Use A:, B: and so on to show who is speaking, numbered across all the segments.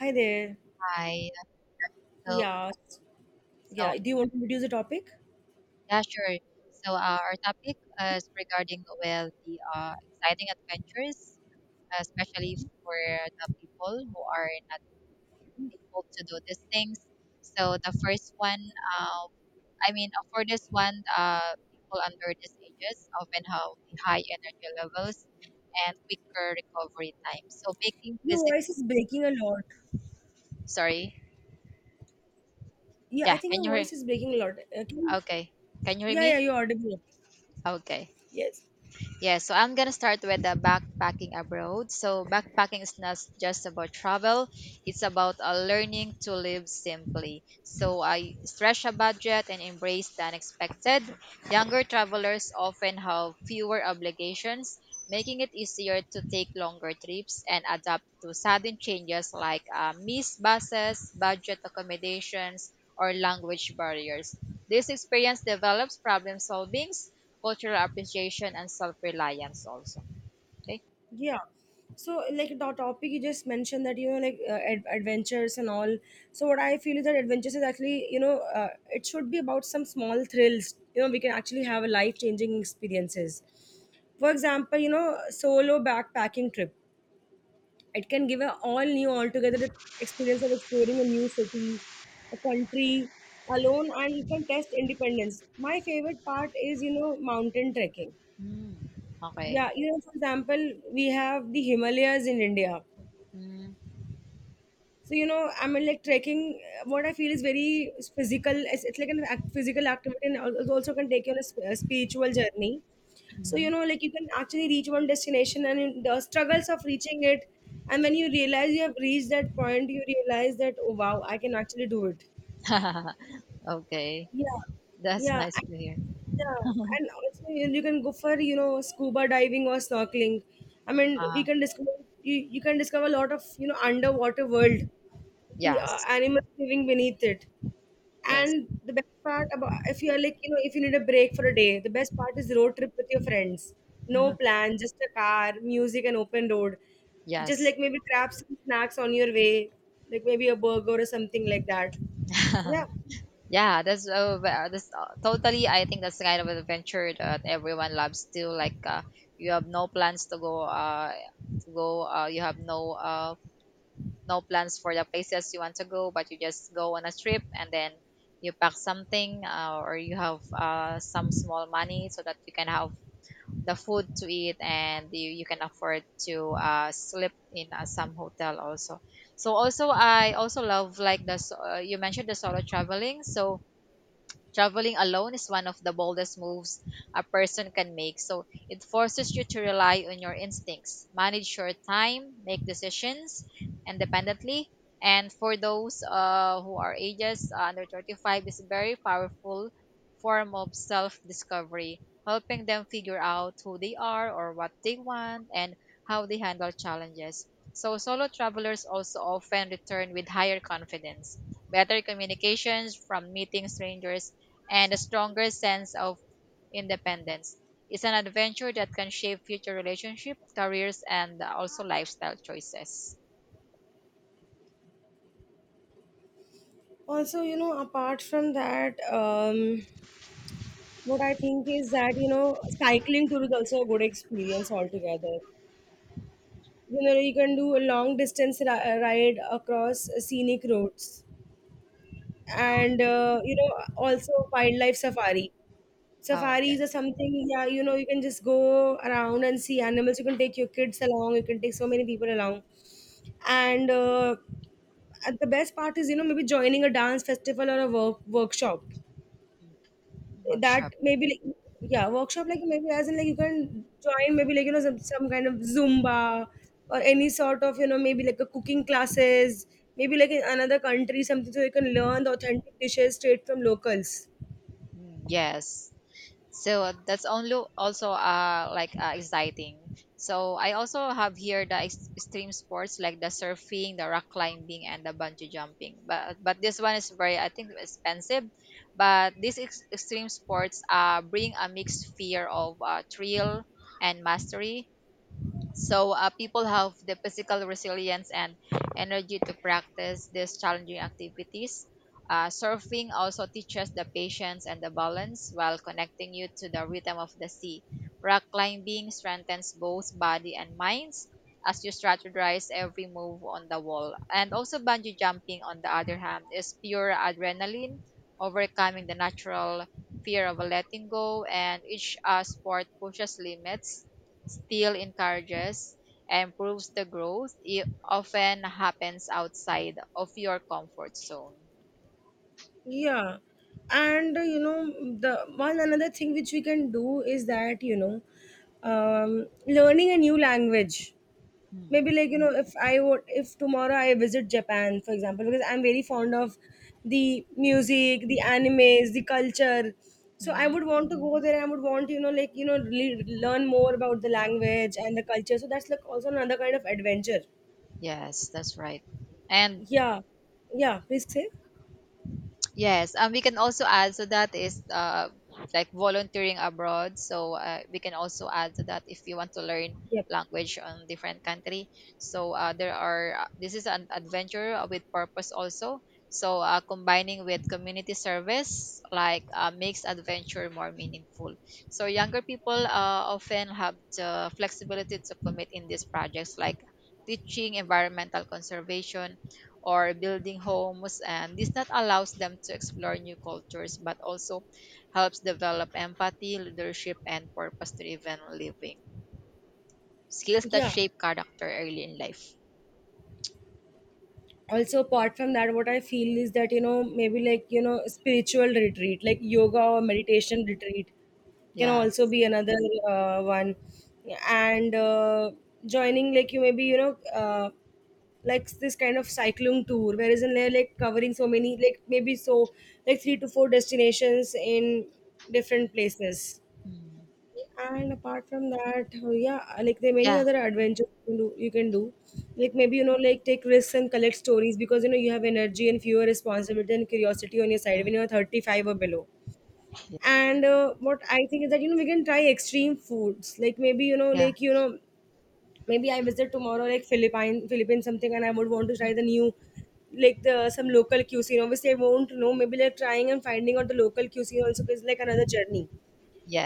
A: Hi there.
B: Hi. So,
A: Yeah,
B: so
A: yeah. Do you want to introduce the topic?
B: yeah, sure. So our topic is regarding, well, the exciting adventures, especially for the people who are not able to do these things. So the first one, uh, for this one, people under these ages often have the high energy levels and quicker recovery time. So making
A: Your
B: physical,
A: voice is breaking a lot.
B: sorry,
A: Yeah, I
B: yeah,
A: think
B: can
A: your
B: you hear?
A: voice is breaking a lot. Can you-
B: Okay, can you hear
A: Yeah,
B: me?
A: yeah, you're audible.
B: Okay.
A: Yes.
B: Yeah, so I'm gonna start with the backpacking abroad. So backpacking is not just about travel; it's about learning to live simply. So I stretch a budget and embrace the unexpected. Younger travelers often have fewer obligations, making it easier to take longer trips and adapt to sudden changes like missed buses, budget accommodations, or language barriers. This experience develops problem solving, cultural appreciation, and self reliance also. Okay?
A: Yeah. So, like the topic you just mentioned that like adventures and all. So, what I feel is that adventures is actually it should be about some small thrills. We can actually have a life changing experiences. For example, solo backpacking trip. It can give a all new, altogether experience of exploring a new city, a country alone, and you can test independence. My favorite part is, mountain trekking.
B: Mm. Okay.
A: Yeah, for example, we have the Himalayas in India.
B: Mm.
A: So I mean, like trekking. What I feel is very physical. It's like an act, physical activity, and also can take you on a spiritual journey. So
B: Mhm.
A: like you can actually reach one destination, and in the struggles of reaching it, and when you realize you have reached that point, you realize that oh wow, I can actually do it.
B: Okay.
A: Yeah,
B: That's
A: yeah,
B: nice
A: and,
B: to hear.
A: yeah, and also you can go for scuba diving or snorkeling. I mean,
B: Uh,
A: we can discover you, you can discover a lot of underwater world, the
B: yes.
A: animals living beneath it.
B: Yes.
A: And the best part, about if you are like if you need a break for a day, the best part is road trip with your friends. No plan, just a car, music, and open road. Just
B: Yes.
A: like maybe grab some snacks on your way, like maybe a burger or something like that. Yeah.
B: Yeah, that's totally. I think that's the kind of adventure that everyone loves too. Like you have no plans to go, you have no no plans for the places you want to go, but you just go on a trip and then you pack something, or you have some small money so that you can have the food to eat and you can afford to sleep in some hotel also. So also I also love like you mentioned the solo traveling. So traveling alone is one of the boldest moves a person can make. So it forces you to rely on your instincts, manage your time, make decisions independently. And for those who are ages under 35, is a very powerful form of self discovery, helping them figure out who they are or what they want and how they handle challenges. So, solo travelers also often return with higher confidence, better communications from meeting strangers, and a stronger sense of independence. It's an adventure that can shape future relationships, careers, and also lifestyle choices.
A: Also, apart from that, what I think is that cycling tour is also a good experience altogether. You can do a long distance ride across scenic roads, and also wildlife safari
B: Oh,
A: safaris
B: yes,
A: are something. Yeah, you can just go around and see animals. You can take your kids along. You can take so many people along. And uh, and the best part is maybe joining a dance festival or a workshop, that
B: workshop.
A: maybe like, yeah, workshop, like maybe as in like you can join maybe like some kind of zumba, or any sort of maybe like a cooking classes, maybe like in another country something, so you can learn the authentic dishes straight from locals.
B: Mm, yes. So that's only also like exciting. So I also have here the extreme sports like the surfing, the rock climbing, and the bungee jumping. But this one is very, I think, expensive. But these extreme sports bring a mixed fear of thrill and mastery. So people have the physical resilience and energy to practice these challenging activities. Surfing also teaches the patience and the balance while connecting you to the rhythm of the sea. Rock climbing strengthens both body and minds as you strategize every move on the wall. And also bungee jumping on the other hand is pure adrenaline, overcoming the natural fear of letting go, and each sport pushes limits, still encourages and proves the growth; it often happens outside of your comfort zone.
A: Yeah. And the one another thing which we can do is that learning a new language. Maybe like if tomorrow I visit Japan, for example, because I'm very fond of the music, the animes, the culture. So I
B: Mm-hmm.
A: would want to go there. I would want like really learn more about the language and the culture, so that's like also another kind of adventure.
B: Yes, that's right. And
A: Yeah. Yeah, please say.
B: yes, and we can also add, so that is like volunteering abroad. So we can also add to that if you want to learn
A: Yep.
B: language on different country. So there are this is an adventure with purpose also. So combining with community service like makes adventure more meaningful. So younger people often have the flexibility to commit in these projects like teaching environmental conservation or building homes, and this not allows them to explore new cultures, but also helps develop empathy, leadership, and purpose driven living skills that
A: Yeah,
B: shape character early in life.
A: also apart from that, what I feel is that maybe like spiritual retreat, like yoga or meditation retreat, can also
B: Yes.
A: be another one. And joining like you maybe like this kind of cycling tour, whereas in there like covering so many, like maybe so like three to four destinations in different places.
B: Mm.
A: And apart from that, yeah, like there are many
B: Yeah.
A: other adventures you can do. You can do. Like maybe like take risks and collect stories, because you have energy and fewer responsibility and curiosity on your side
B: Mm.
A: when you are 35 or below. And what I think is that we can try extreme foods. Like maybe
B: Yeah.
A: maybe I visit tomorrow like Philippines something, and I would want to try the new like the some local cuisine. Obviously, I won't know. Maybe like trying and finding out the local cuisine also is like another journey,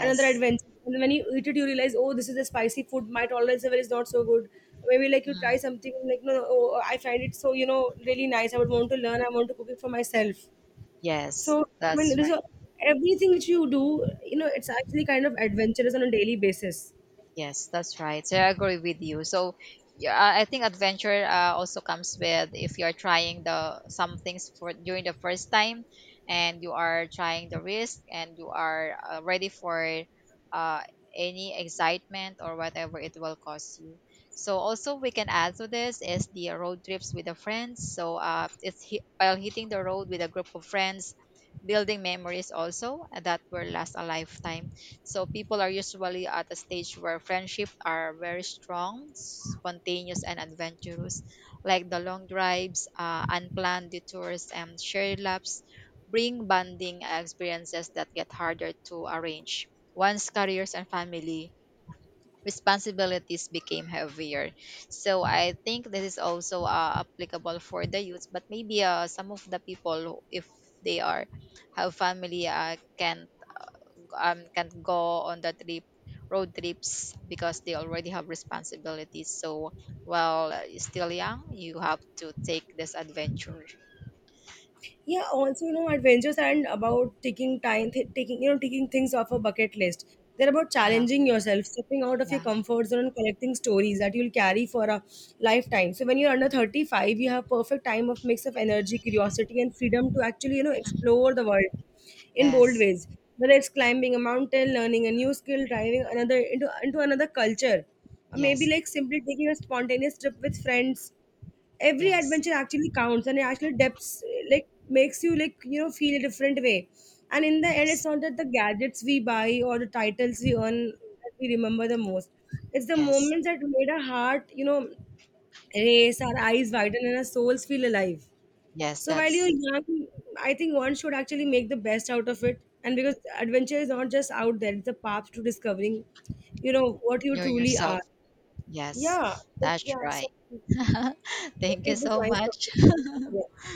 A: another adventure. And when you eat it, you realize, oh, this is a spicy food. My tolerance level is not so good. Maybe like you try
B: Mm.
A: something like no, oh, I find it so really nice. I would want to learn. I want to cook it for myself.
B: Yes,
A: So I mean,
B: that's.
A: everything which you do, it's actually kind of adventurous on a daily basis.
B: Yes, that's right. So I agree with you. So yeah, I think adventure also comes with if you are trying the some things for during the first time, and you are trying the risk, and you are ready for uh, any excitement or whatever it will cost you. So also we can add to this is the road trips with the friends. So while hitting the road with a group of friends, building memories also that will last a lifetime, so people are usually at a stage where friendships are very strong, spontaneous, and adventurous, like the long drives, unplanned detours, and shared laps bring bonding experiences that get harder to arrange once careers and family responsibilities became heavier. So I think this is also applicable for the youth, but maybe some of the people, if they are have family, can't go on the trip road trips because they already have responsibilities. So while still young you have to take this adventure.
A: Yeah, also adventures aren't about taking you know taking things off a bucket list. They're about
B: Yeah.
A: challenging yourself, stepping out of your
B: Yeah.
A: comfort zone, and collecting stories that you'll carry for a lifetime. So when you're under 35, you have perfect time of mix of energy, curiosity, and freedom to actually explore the world in bold
B: Yes.
A: ways, whether it's climbing a mountain, learning a new skill, driving another into another culture, or
B: Yes.
A: maybe like simply taking a spontaneous trip with friends. Every
B: Yes.
A: adventure actually counts, and it actually depths, like makes you like feel a different way. And in the end, it's
B: Yes.
A: not that the gadgets we buy or the titles we earn that we remember the most. It's the
B: Yes.
A: moments that made our heart race, our eyes widen, and our souls feel alive.
B: Yes,
A: So while
B: that's.
A: you're young, I think one should actually make the best out of it, and because adventure is not just out there, it's a path to discovering what you
B: You're
A: truly
B: yourself.
A: are.
B: Yes,
A: Yeah. Like,
B: that's
A: yeah,
B: right.
A: so
B: Thank you
A: it was
B: so
A: nice talking to
B: much.
A: you. Yeah.